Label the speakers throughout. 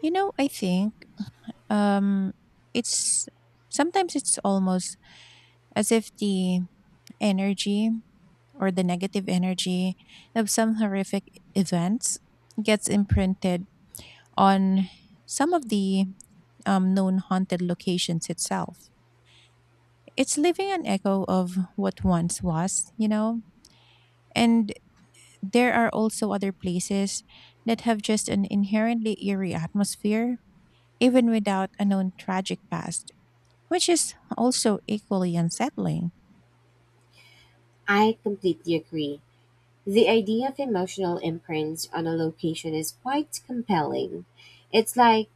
Speaker 1: I think um, it's sometimes it's almost as if the energy or the negative energy of some horrific events gets imprinted on some of the known haunted locations itself. It's leaving an echo of what once was, you know? And there are also other places that have just an inherently eerie atmosphere, even without a known tragic past, which is also equally unsettling.
Speaker 2: I completely agree. The idea of emotional imprints on a location is quite compelling. It's like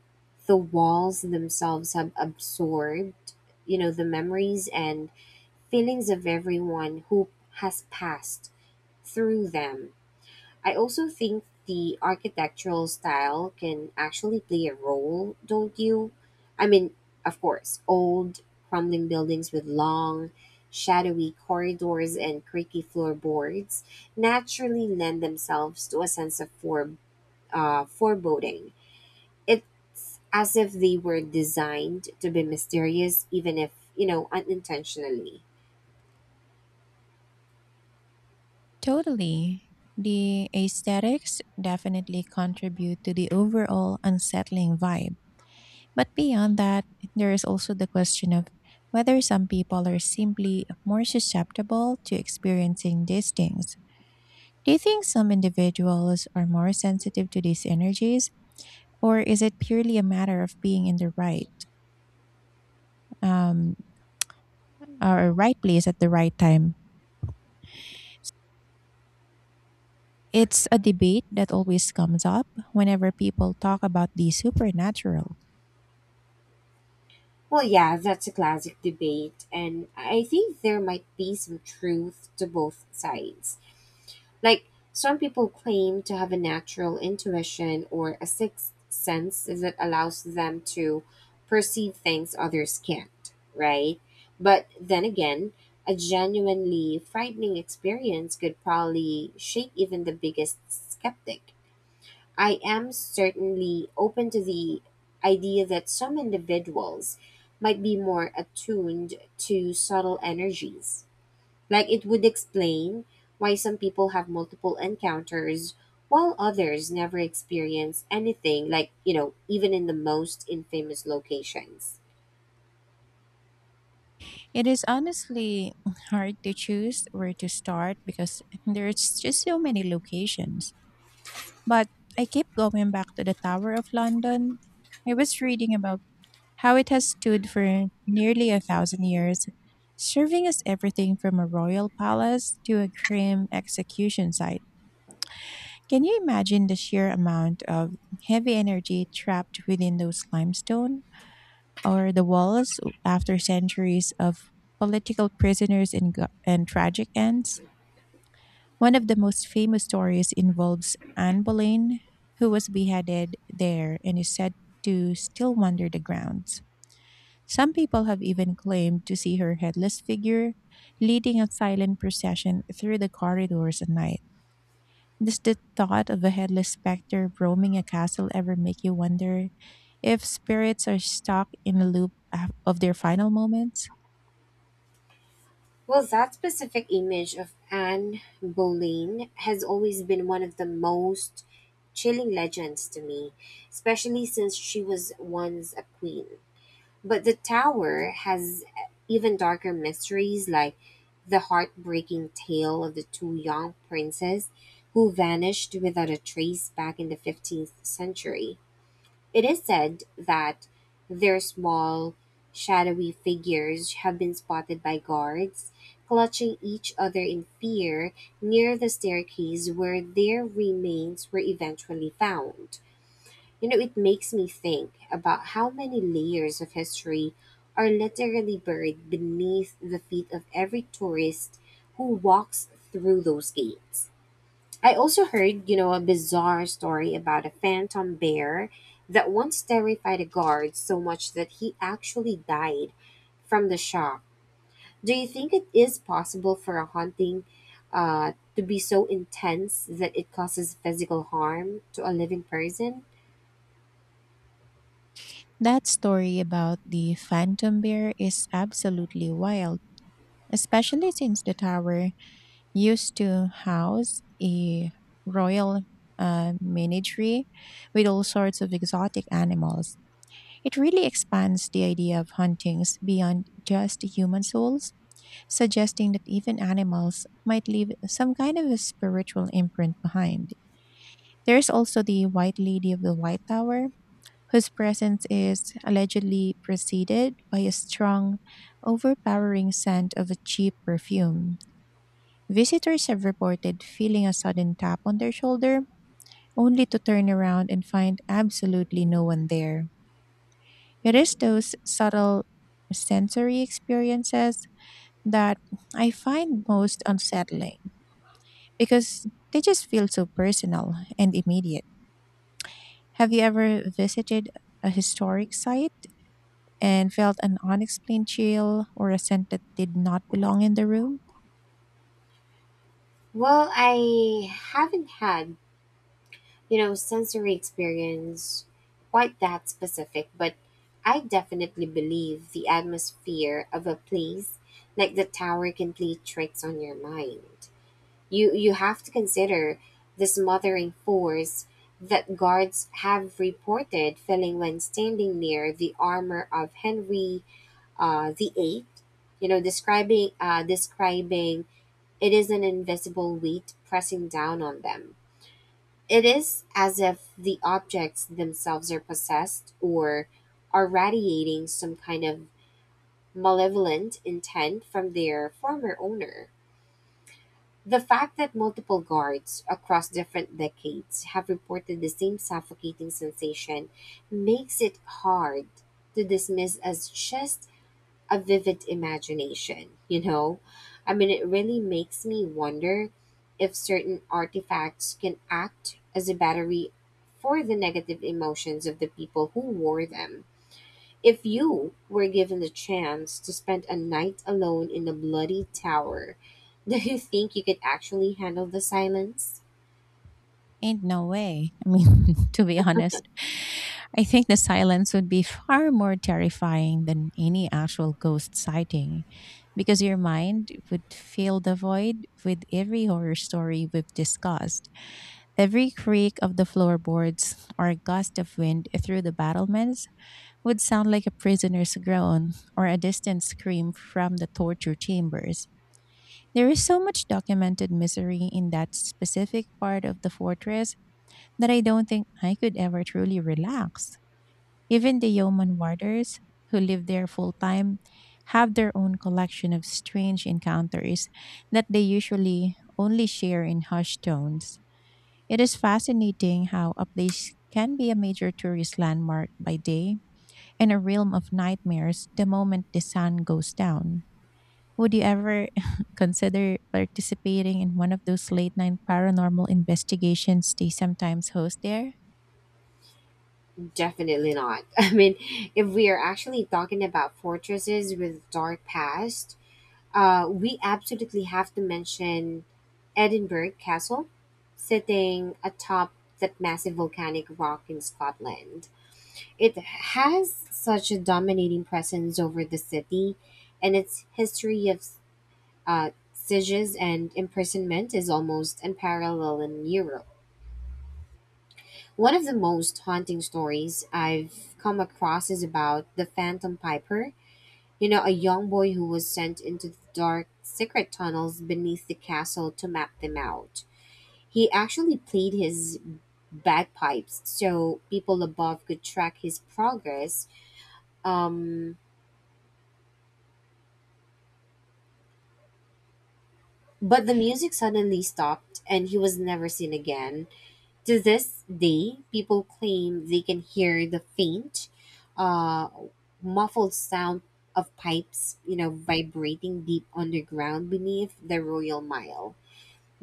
Speaker 2: the walls themselves have absorbed, you know, the memories and feelings of everyone who has passed through them. I also think the architectural style can actually play a role, don't you? I mean, of course, old, crumbling buildings with long, shadowy corridors and creaky floorboards naturally lend themselves to a sense of foreboding. It's as if they were designed to be mysterious, even if, you know, unintentionally.
Speaker 1: Totally. The aesthetics definitely contribute to the overall unsettling vibe. But beyond that, there is also the question of whether some people are simply more susceptible to experiencing these things. Do you think some individuals are more sensitive to these energies, or is it purely a matter of being in the um, right place at the right time? It's a debate that always comes up whenever people talk about the supernatural.
Speaker 2: Well, yeah, that's a classic debate, and I think there might be some truth to both sides. Like, some people claim to have a natural intuition or a sixth sense that allows them to perceive things others can't, right? But then again, a genuinely frightening experience could probably shake even the biggest skeptic. I am certainly open to the idea that some individuals might be more attuned to subtle energies. Like it would explain why some people have multiple encounters while others never experience anything, like, you know, even in the most infamous locations.
Speaker 1: It is honestly hard to choose where to start because there's just so many locations. But I keep going back to the Tower of London. I was reading about how it has stood for nearly a thousand years, serving as everything from a royal palace to a grim execution site. Can you imagine the sheer amount of heavy energy trapped within those limestone or the walls after centuries of political prisoners and tragic ends? One of the most famous stories involves Anne Boleyn, who was beheaded there and is said to still wander the grounds. Some people have even claimed to see her headless figure leading a silent procession through the corridors at night. Does the thought of a headless specter roaming a castle ever make you wonder if spirits are stuck in a loop of their final moments?
Speaker 2: Well, that specific image of Anne Boleyn has always been one of the most chilling legends to me, especially since she was once a queen. But the tower has even darker mysteries like the heartbreaking tale of the two young princes who vanished without a trace back in the 15th century. It is said that their small, shadowy figures have been spotted by guards, clutching each other in fear near the staircase where their remains were eventually found. You know, it makes me think about how many layers of history are literally buried beneath the feet of every tourist who walks through those gates. I also heard, you know, a bizarre story about a phantom bear that once terrified a guard so much that he actually died from the shock. Do you think it is possible for a haunting to be so intense that it causes physical harm to a living person?
Speaker 1: That story about the phantom bear is absolutely wild, especially since the tower used to house a royal menagerie with all sorts of exotic animals. It really expands the idea of hauntings beyond just human souls, suggesting that even animals might leave some kind of a spiritual imprint behind. There's also the White Lady of the White Tower, whose presence is allegedly preceded by a strong, overpowering scent of a cheap perfume. Visitors have reported feeling a sudden tap on their shoulder, only to turn around and find absolutely no one there. It is those subtle sensory experiences that I find most unsettling because they just feel so personal and immediate. Have you ever visited a historic site and felt an unexplained chill or a scent that did not belong in the room?
Speaker 2: Well, I haven't had, you know, sensory experience quite that specific, but I definitely believe the atmosphere of a place like the tower can play tricks on your mind. You have to consider the smothering force that guards have reported feeling when standing near the armor of Henry the Eighth. You know, describing it is an invisible weight pressing down on them. It is as if the objects themselves are possessed or are radiating some kind of malevolent intent from their former owner. The fact that multiple guards across different decades have reported the same suffocating sensation makes it hard to dismiss as just a vivid imagination, you know? I mean, it really makes me wonder if certain artifacts can act as a battery for the negative emotions of the people who wore them. If you were given the chance to spend a night alone in a bloody tower, do you think you could actually handle the silence?
Speaker 1: Ain't no way. I mean, to be honest, I think the silence would be far more terrifying than any actual ghost sighting because your mind would fill the void with every horror story we've discussed. Every creak of the floorboards or gust of wind through the battlements would sound like a prisoner's groan or a distant scream from the torture chambers. There is so much documented misery in that specific part of the fortress that I don't think I could ever truly relax. Even the yeoman warders who live there full time have their own collection of strange encounters that they usually only share in hushed tones. It is fascinating how a place can be a major tourist landmark by day and a realm of nightmares the moment the sun goes down. Would you ever consider participating in one of those late night paranormal investigations they sometimes host there?
Speaker 2: Definitely not. I mean, if we are actually talking about fortresses with dark past, we absolutely have to mention Edinburgh Castle, sitting atop that massive volcanic rock in Scotland. It has such a dominating presence over the city, and its history of sieges and imprisonment is almost unparalleled in Europe. One of the most haunting stories I've come across is about the Phantom Piper. You know, a young boy who was sent into the dark, secret tunnels beneath the castle to map them out. He actually played his bagpipes so people above could track his progress. Um, but the music suddenly stopped and he was never seen again. To this day, people claim they can hear the faint, uh, muffled sound of pipes, you know, vibrating deep underground beneath the Royal Mile.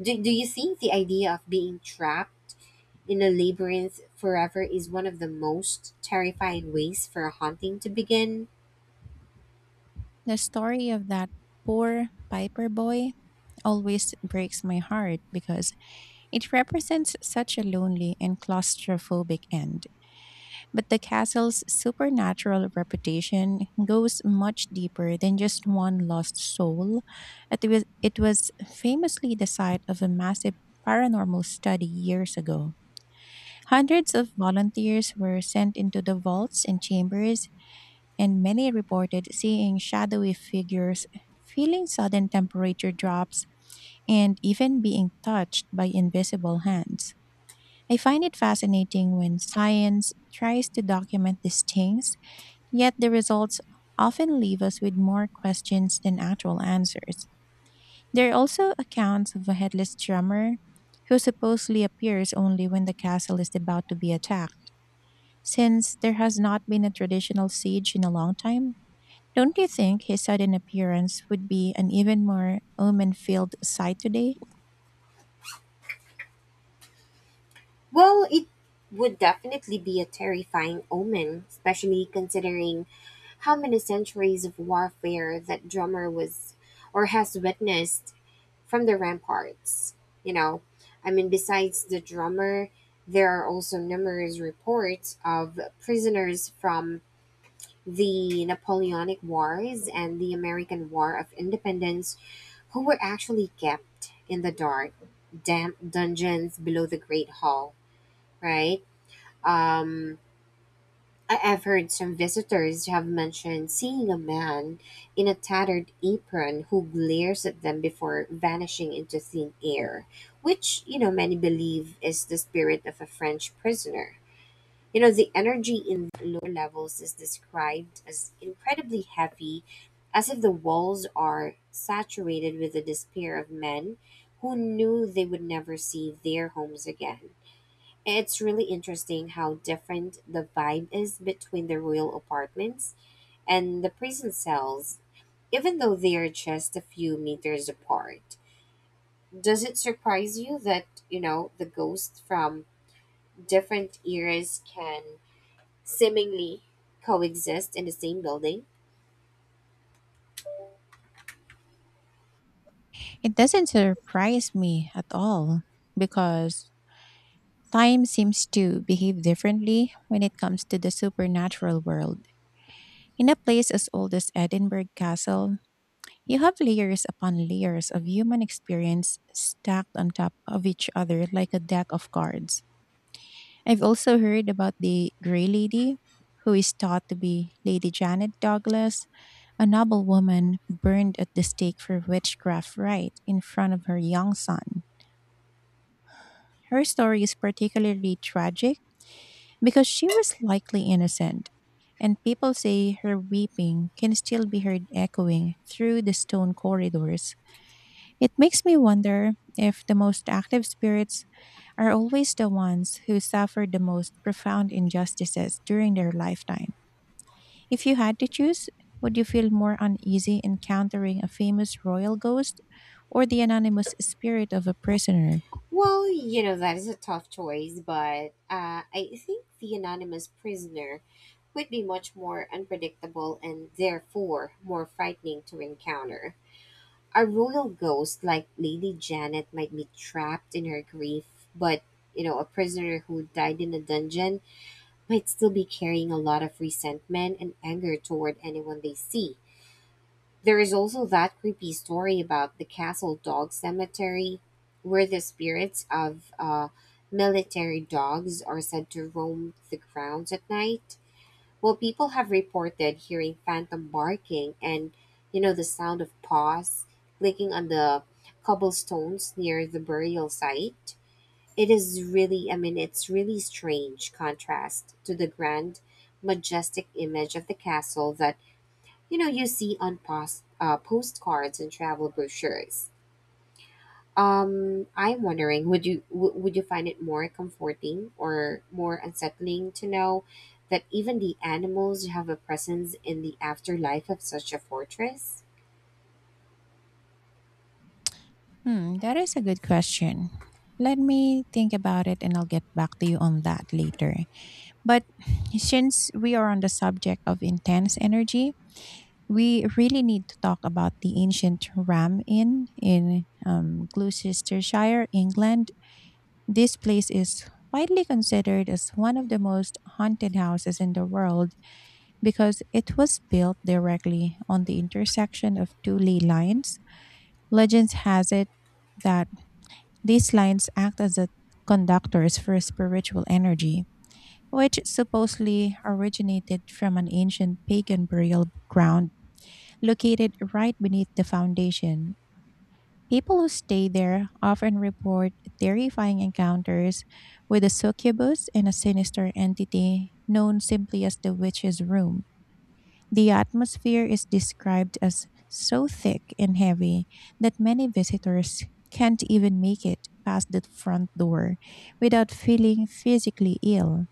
Speaker 2: Do you think the idea of being trapped in a labyrinth forever is one of the most terrifying ways for haunting to begin?
Speaker 1: The story of that poor Piper boy always breaks my heart because it represents such a lonely and claustrophobic end. But the castle's supernatural reputation goes much deeper than just one lost soul. It was famously the site of a massive paranormal study years ago. Hundreds of volunteers were sent into the vaults and chambers, and many reported seeing shadowy figures, feeling sudden temperature drops, and even being touched by invisible hands. I find it fascinating when science tries to document these things, yet the results often leave us with more questions than actual answers. There are also accounts of a headless drummer who supposedly appears only when the castle is about to be attacked. Since there has not been a traditional siege in a long time, don't you think his sudden appearance would be an even more omen filled sight today?
Speaker 2: Well, it would definitely be a terrifying omen, especially considering how many centuries of warfare that drummer was or has witnessed from the ramparts. You know, I mean, besides the drummer, there are also numerous reports of prisoners from the Napoleonic Wars and the American War of Independence who were actually kept in the dark, damp dungeons below the Great Hall, right? Um, I've heard some visitors have mentioned seeing a man in a tattered apron who glares at them before vanishing into thin air, which, you know, many believe is the spirit of a French prisoner. You know, the energy in lower levels is described as incredibly heavy, as if the walls are saturated with the despair of men who knew they would never see their homes again. It's really interesting how different the vibe is between the royal apartments and the prison cells, even though they are just a few meters apart. Does it surprise you that, you know, the ghosts from different eras can seemingly coexist in the same building?
Speaker 1: It doesn't surprise me at all because time seems to behave differently when it comes to the supernatural world. In a place as old as Edinburgh Castle, you have layers upon layers of human experience stacked on top of each other like a deck of cards. I've also heard about the Grey Lady, who is thought to be Lady Janet Douglas, a noble woman burned at the stake for witchcraft right in front of her young son. Her story is particularly tragic because she was likely innocent, and people say her weeping can still be heard echoing through the stone corridors. It makes me wonder if the most active spirits are always the ones who suffer the most profound injustices during their lifetime. If you had to choose, would you feel more uneasy encountering a famous royal ghost or the anonymous spirit of a prisoner?
Speaker 2: Well, you know, that is a tough choice, but I think the anonymous prisoner would be much more unpredictable and therefore more frightening to encounter. A royal ghost like Lady Janet might be trapped in her grief, but you know, a prisoner who died in a dungeon might still be carrying a lot of resentment and anger toward anyone they see. There is also that creepy story about the Castle Dog Cemetery, where the spirits of military dogs are said to roam the grounds at night. Well, people have reported hearing phantom barking and, you know, the sound of paws clicking on the cobblestones near the burial site. It is really, I mean, it's really strange contrast to the grand, majestic image of the castle that you know you see on postcards and travel brochures. I'm wondering, would you would you find it more comforting or more unsettling to know that even the animals have a presence in the afterlife of such a fortress?
Speaker 1: Hmm, that is a good question. Let me think about it and I'll get back to you on that later. But since we are on the subject of intense energy, we really need to talk about the ancient Ram Inn in Gloucestershire, England. This place is widely considered as one of the most haunted houses in the world because it was built directly on the intersection of two ley lines. Legends has it that these lines act as the conductors for spiritual energy, which supposedly originated from an ancient pagan burial ground located right beneath the foundation. People who stay there often report terrifying encounters with a succubus and a sinister entity known simply as the witch's room. The atmosphere is described as so thick and heavy that many visitors can't even make it past the front door without feeling physically ill.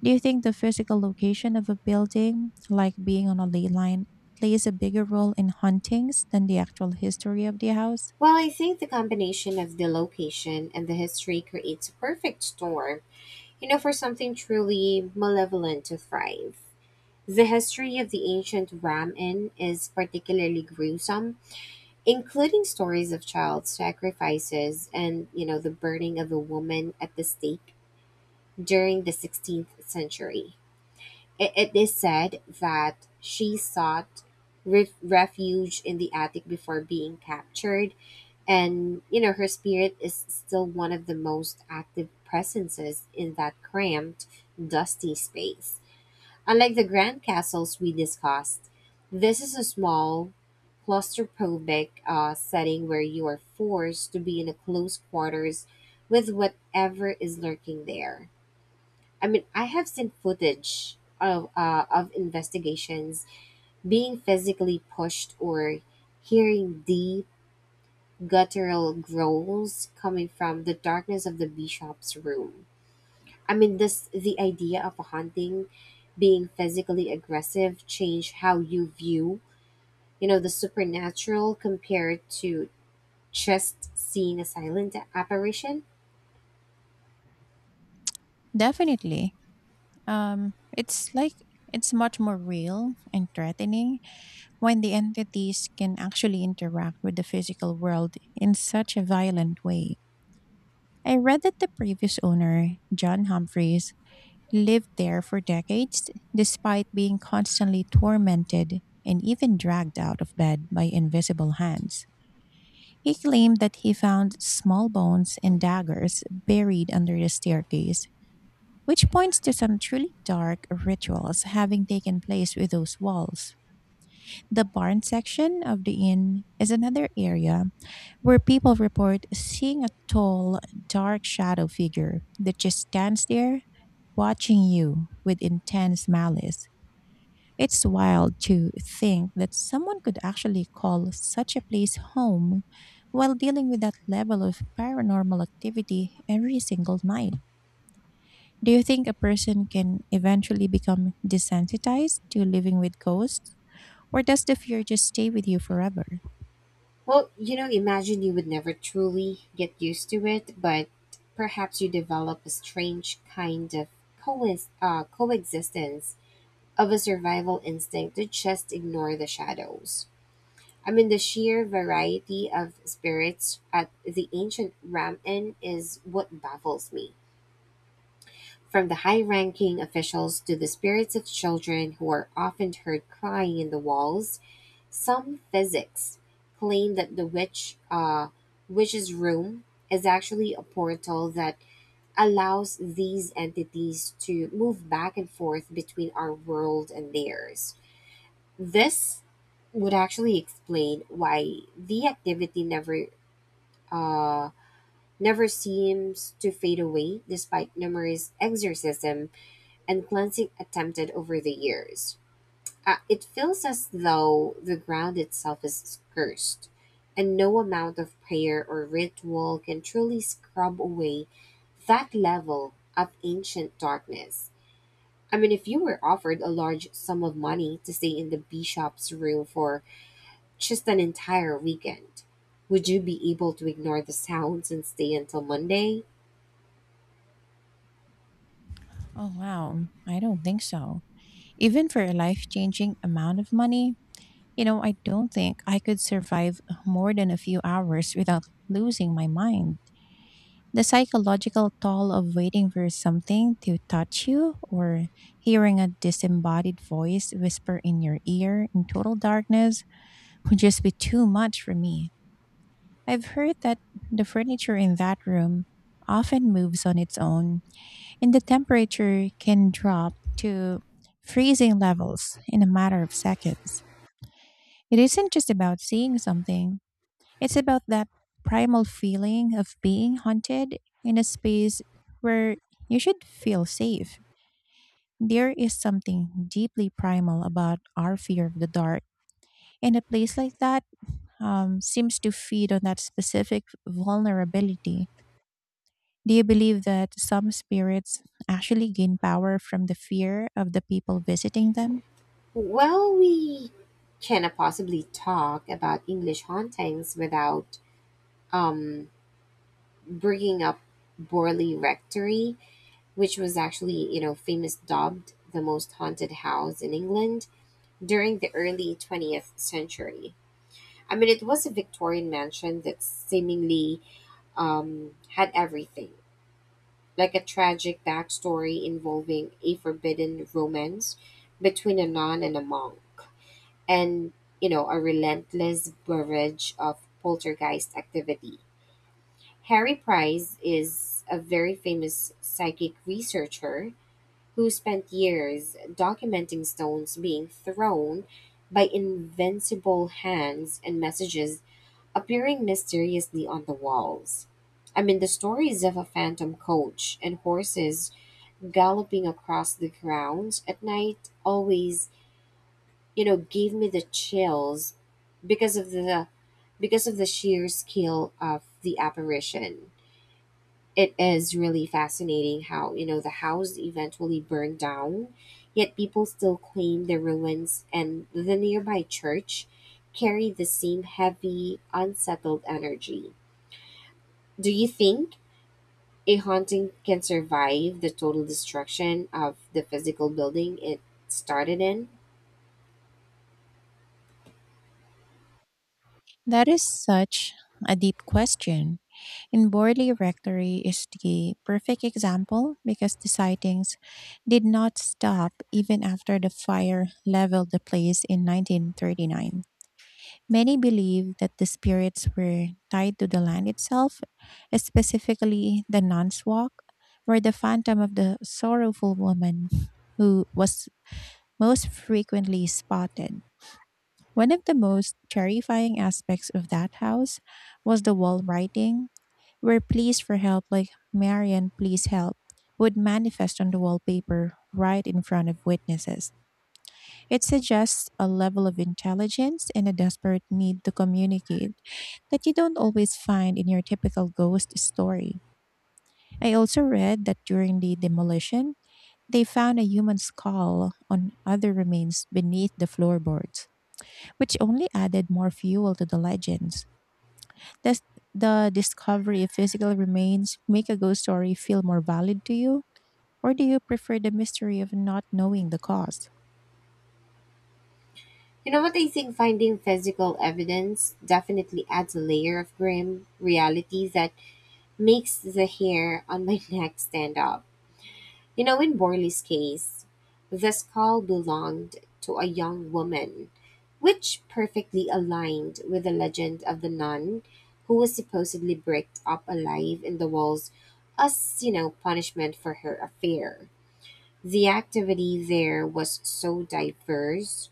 Speaker 1: Do you think the physical location of a building, like being on a ley line, plays a bigger role in hauntings than the actual history of the house?
Speaker 2: Well, I think the combination of the location and the history creates a perfect storm, you know, for something truly malevolent to thrive. The history of the ancient Ram Inn is particularly gruesome, including stories of child sacrifices and, you know, the burning of a woman at the stake during the 16th century. It is said that she sought refuge in the attic before being captured, and, you know, her spirit is still one of the most active presences in that cramped, dusty space. Unlike the grand castles we discussed, this is a small, claustrophobic setting where you are forced to be in a close quarters with whatever is lurking there. I mean, I have seen footage of of investigations being physically pushed or hearing deep guttural growls coming from the darkness of the bishop's room. I mean, does the idea of haunting being physically aggressive change how you view, you know, the supernatural compared to just seeing a silent apparition?
Speaker 1: Definitely. It's like it's much more real and threatening when the entities can actually interact with the physical world in such a violent way. I read that the previous owner, John Humphreys, lived there for decades despite being constantly tormented and even dragged out of bed by invisible hands. He claimed that he found small bones and daggers buried under the staircase, which points to some truly dark rituals having taken place with those walls. The barn section of the inn is another area where people report seeing a tall, dark shadow figure that just stands there watching you with intense malice. It's wild to think that someone could actually call such a place home while dealing with that level of paranormal activity every single night. Do you think a person can eventually become desensitized to living with ghosts, or does the fear just stay with you forever?
Speaker 2: Well, you know, imagine you would never truly get used to it, but perhaps you develop a strange kind of coexistence of a survival instinct to just ignore the shadows. I mean, the sheer variety of spirits at the ancient Ram Inn is what baffles me. From the high ranking officials to the spirits of children who are often heard crying in the walls, some physics claim that the witch's room is actually a portal that allows these entities to move back and forth between our world and theirs. This would actually explain why the activity uh, never seems to fade away despite numerous exorcism and cleansing attempted over the years. It feels as though the ground itself is cursed, and no amount of prayer or ritual can truly scrub away that level of ancient darkness. I mean, if you were offered a large sum of money to stay in the bishop's room for just an entire weekend. Would you be able to ignore the sounds and stay until Monday?
Speaker 1: Oh, wow. I don't think so. Even for a life changing amount of money, you know, I don't think I could survive more than a few hours without losing my mind. The psychological toll of waiting for something to touch you or hearing a disembodied voice whisper in your ear in total darkness would just be too much for me. I've heard that the furniture in that room often moves on its own and the temperature can drop to freezing levels in a matter of seconds. It isn't just about seeing something, it's about that primal feeling of being haunted in a space where you should feel safe. There is something deeply primal about our fear of the dark, and a place like that seems to feed on that specific vulnerability. Do you believe that some spirits actually gain power from the fear of the people visiting them?
Speaker 2: Well, we cannot possibly talk about English hauntings without um, bringing up Borley Rectory, which was actually, you know, famous dubbed the most haunted house in England during the early 20th century. I mean, it was a Victorian mansion that seemingly had everything like a tragic backstory involving a forbidden romance between a nun and a monk, and, you know, a relentless barrage of poltergeist activity. Harry Price is a very famous psychic researcher who spent years documenting stones being thrown by invincible hands and messages appearing mysteriously on the walls. I mean, the stories of a phantom coach and horses galloping across the grounds at night always gave me the chills because of the because of the sheer scale of the apparition. It is really fascinating how, the house eventually burned down, yet people still claim the ruins and the nearby church carry the same heavy unsettled energy. Do you think a haunting can survive the total destruction of the physical building it started in?
Speaker 1: That is such a deep question. And Borley Rectory is the perfect example because the sightings did not stop even after the fire leveled the place in 1939. Many believe that the spirits were tied to the land itself, specifically the Nun's Walk, where the phantom of the sorrowful woman who was most frequently spotted. One of the most terrifying aspects of that house was the wall writing, where pleas for help, like Marian, please help, would manifest on the wallpaper right in front of witnesses. It suggests a level of intelligence and a desperate need to communicate that you don't always find in your typical ghost story. I also read that during the demolition, they found a human skull on other remains beneath the floorboards, which only added more fuel to the legends. Does the discovery of physical remains make a ghost story feel more valid to you? Or do you prefer the mystery of not knowing the cause?
Speaker 2: You know what, I think finding physical evidence definitely adds a layer of grim reality that makes the hair on my neck stand up. You know, in Borley's case, the skull belonged to a young woman, which perfectly aligned with the legend of the nun who was supposedly bricked up alive in the walls as, punishment for her affair. The activity there was so diverse,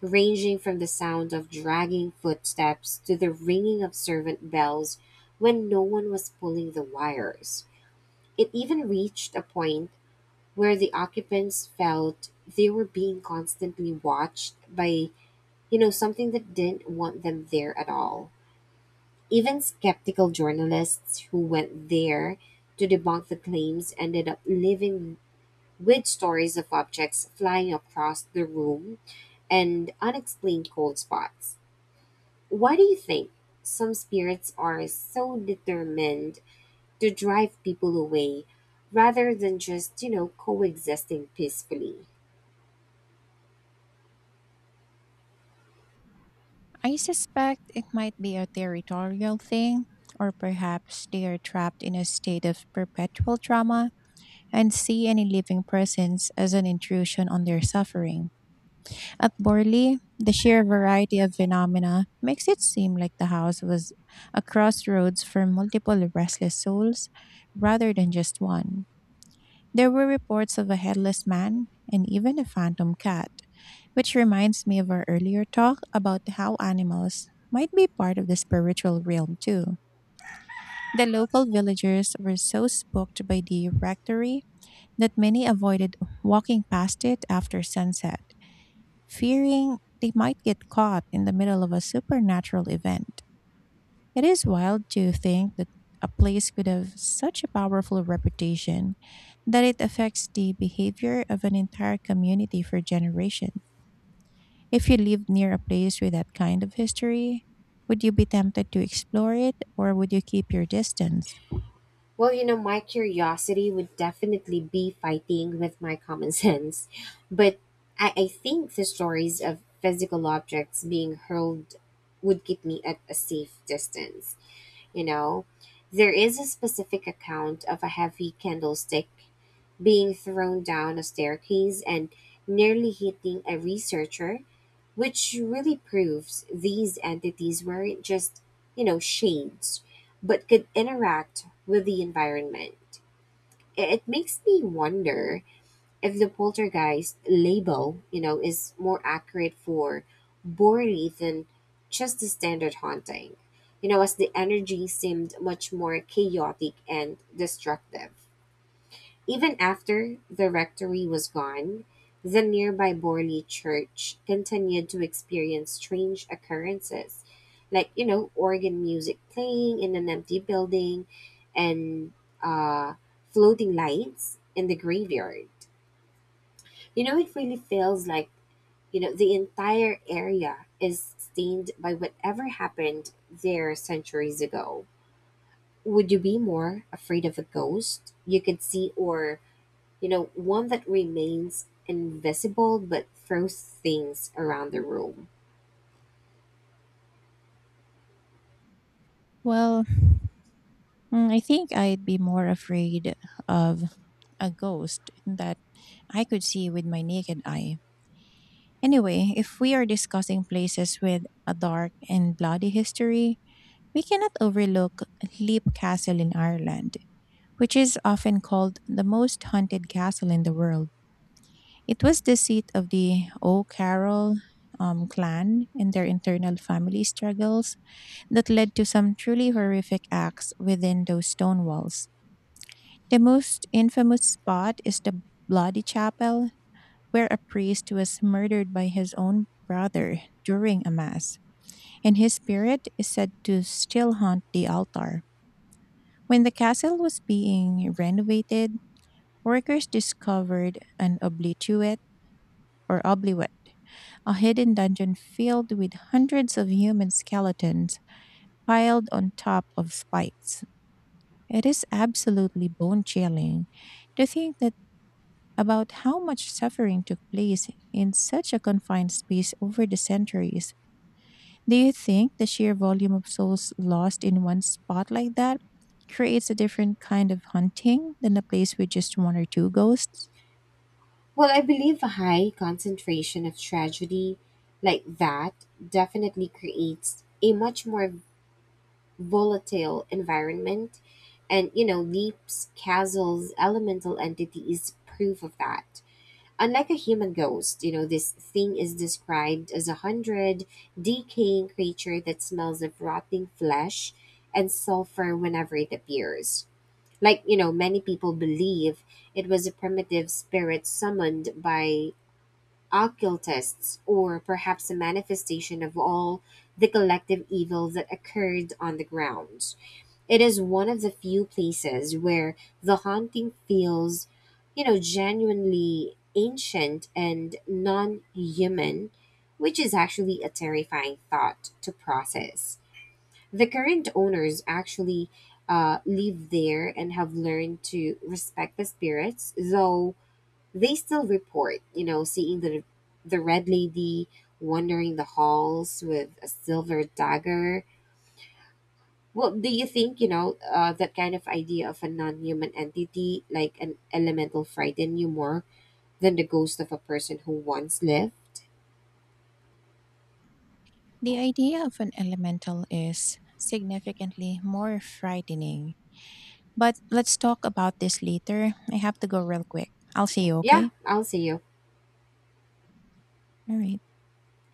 Speaker 2: ranging from the sound of dragging footsteps to the ringing of servant bells when no one was pulling the wires. It even reached a point where the occupants felt they were being constantly watched by, something that didn't want them there at all. Even skeptical journalists who went there to debunk the claims ended up living with stories of objects flying across the room and unexplained cold spots. Why do you think some spirits are so determined to drive people away rather than just, coexisting peacefully?
Speaker 1: I suspect it might be a territorial thing, or perhaps they are trapped in a state of perpetual trauma and see any living presence as an intrusion on their suffering. At Borley, the sheer variety of phenomena makes it seem like the house was a crossroads for multiple restless souls rather than just one. There were reports of a headless man and even a phantom cat, which reminds me of our earlier talk about how animals might be part of the spiritual realm too. The local villagers were so spooked by the rectory that many avoided walking past it after sunset, fearing they might get caught in the middle of a supernatural event. It is wild to think that a place could have such a powerful reputation that it affects the behavior of an entire community for generations. If you lived near a place with that kind of history, would you be tempted to explore it or would you keep your distance?
Speaker 2: Well, my curiosity would definitely be fighting with my common sense, but I think the stories of physical objects being hurled would keep me at a safe distance, you know? There is a specific account of a heavy candlestick being thrown down a staircase and nearly hitting a researcher, which really proves these entities weren't just, shades, but could interact with the environment. It makes me wonder if the poltergeist label, is more accurate for Borley than just the standard haunting, as the energy seemed much more chaotic and destructive. Even after the rectory was gone, the nearby Borley Church continued to experience strange occurrences, like organ music playing in an empty building, and uh, floating lights in the graveyard. It really feels like the entire area is stained by whatever happened there centuries ago. Would you be more afraid of a ghost you could see, or, one that remains invisible but throws things around the room?
Speaker 1: Well, I think I'd be more afraid of a ghost that I could see with my naked eye. Anyway, if we are discussing places with a dark and bloody history, we cannot overlook Leap Castle in Ireland, which is often called the most haunted castle in the world. It was the seat of the O'Carroll clan and their internal family struggles that led to some truly horrific acts within those stone walls. The most infamous spot is the Bloody Chapel, where a priest was murdered by his own brother during a mass, and his spirit is said to still haunt the altar. When the castle was being renovated, workers discovered an oblituate or obliwet, a hidden dungeon filled with hundreds of human skeletons piled on top of spikes. It is absolutely bone chilling to think that about how much suffering took place in such a confined space over the centuries. Do you think the sheer volume of souls lost in one spot like that creates a different kind of hunting than a place with just one or two ghosts?
Speaker 2: Well, I believe a high concentration of tragedy like that definitely creates a much more volatile environment. And, Leap's castle's elemental entity is proof of that. Unlike a human ghost, this thing is described as a hundred decaying creature that smells of rotting flesh and sulfur whenever it appears. Like, many people believe it was a primitive spirit summoned by alkyl tests, or perhaps a manifestation of all the collective evil that occurred on the grounds. It is one of the few places where the haunting feels, genuinely ancient and non human, which is actually a terrifying thought to process. The current owners actually live there and have learned to respect the spirits, though they still report, seeing the red lady wandering the halls with a silver dagger. Well, do you think, that kind of idea of a non human entity, like an elemental, frighten you more than the ghost of a person who once lived?
Speaker 1: The idea of an elemental is significantly more frightening. But let's talk about this later. I have to go real quick. I'll see you,
Speaker 2: Yeah,
Speaker 1: okay?
Speaker 2: I'll see you.
Speaker 1: All right.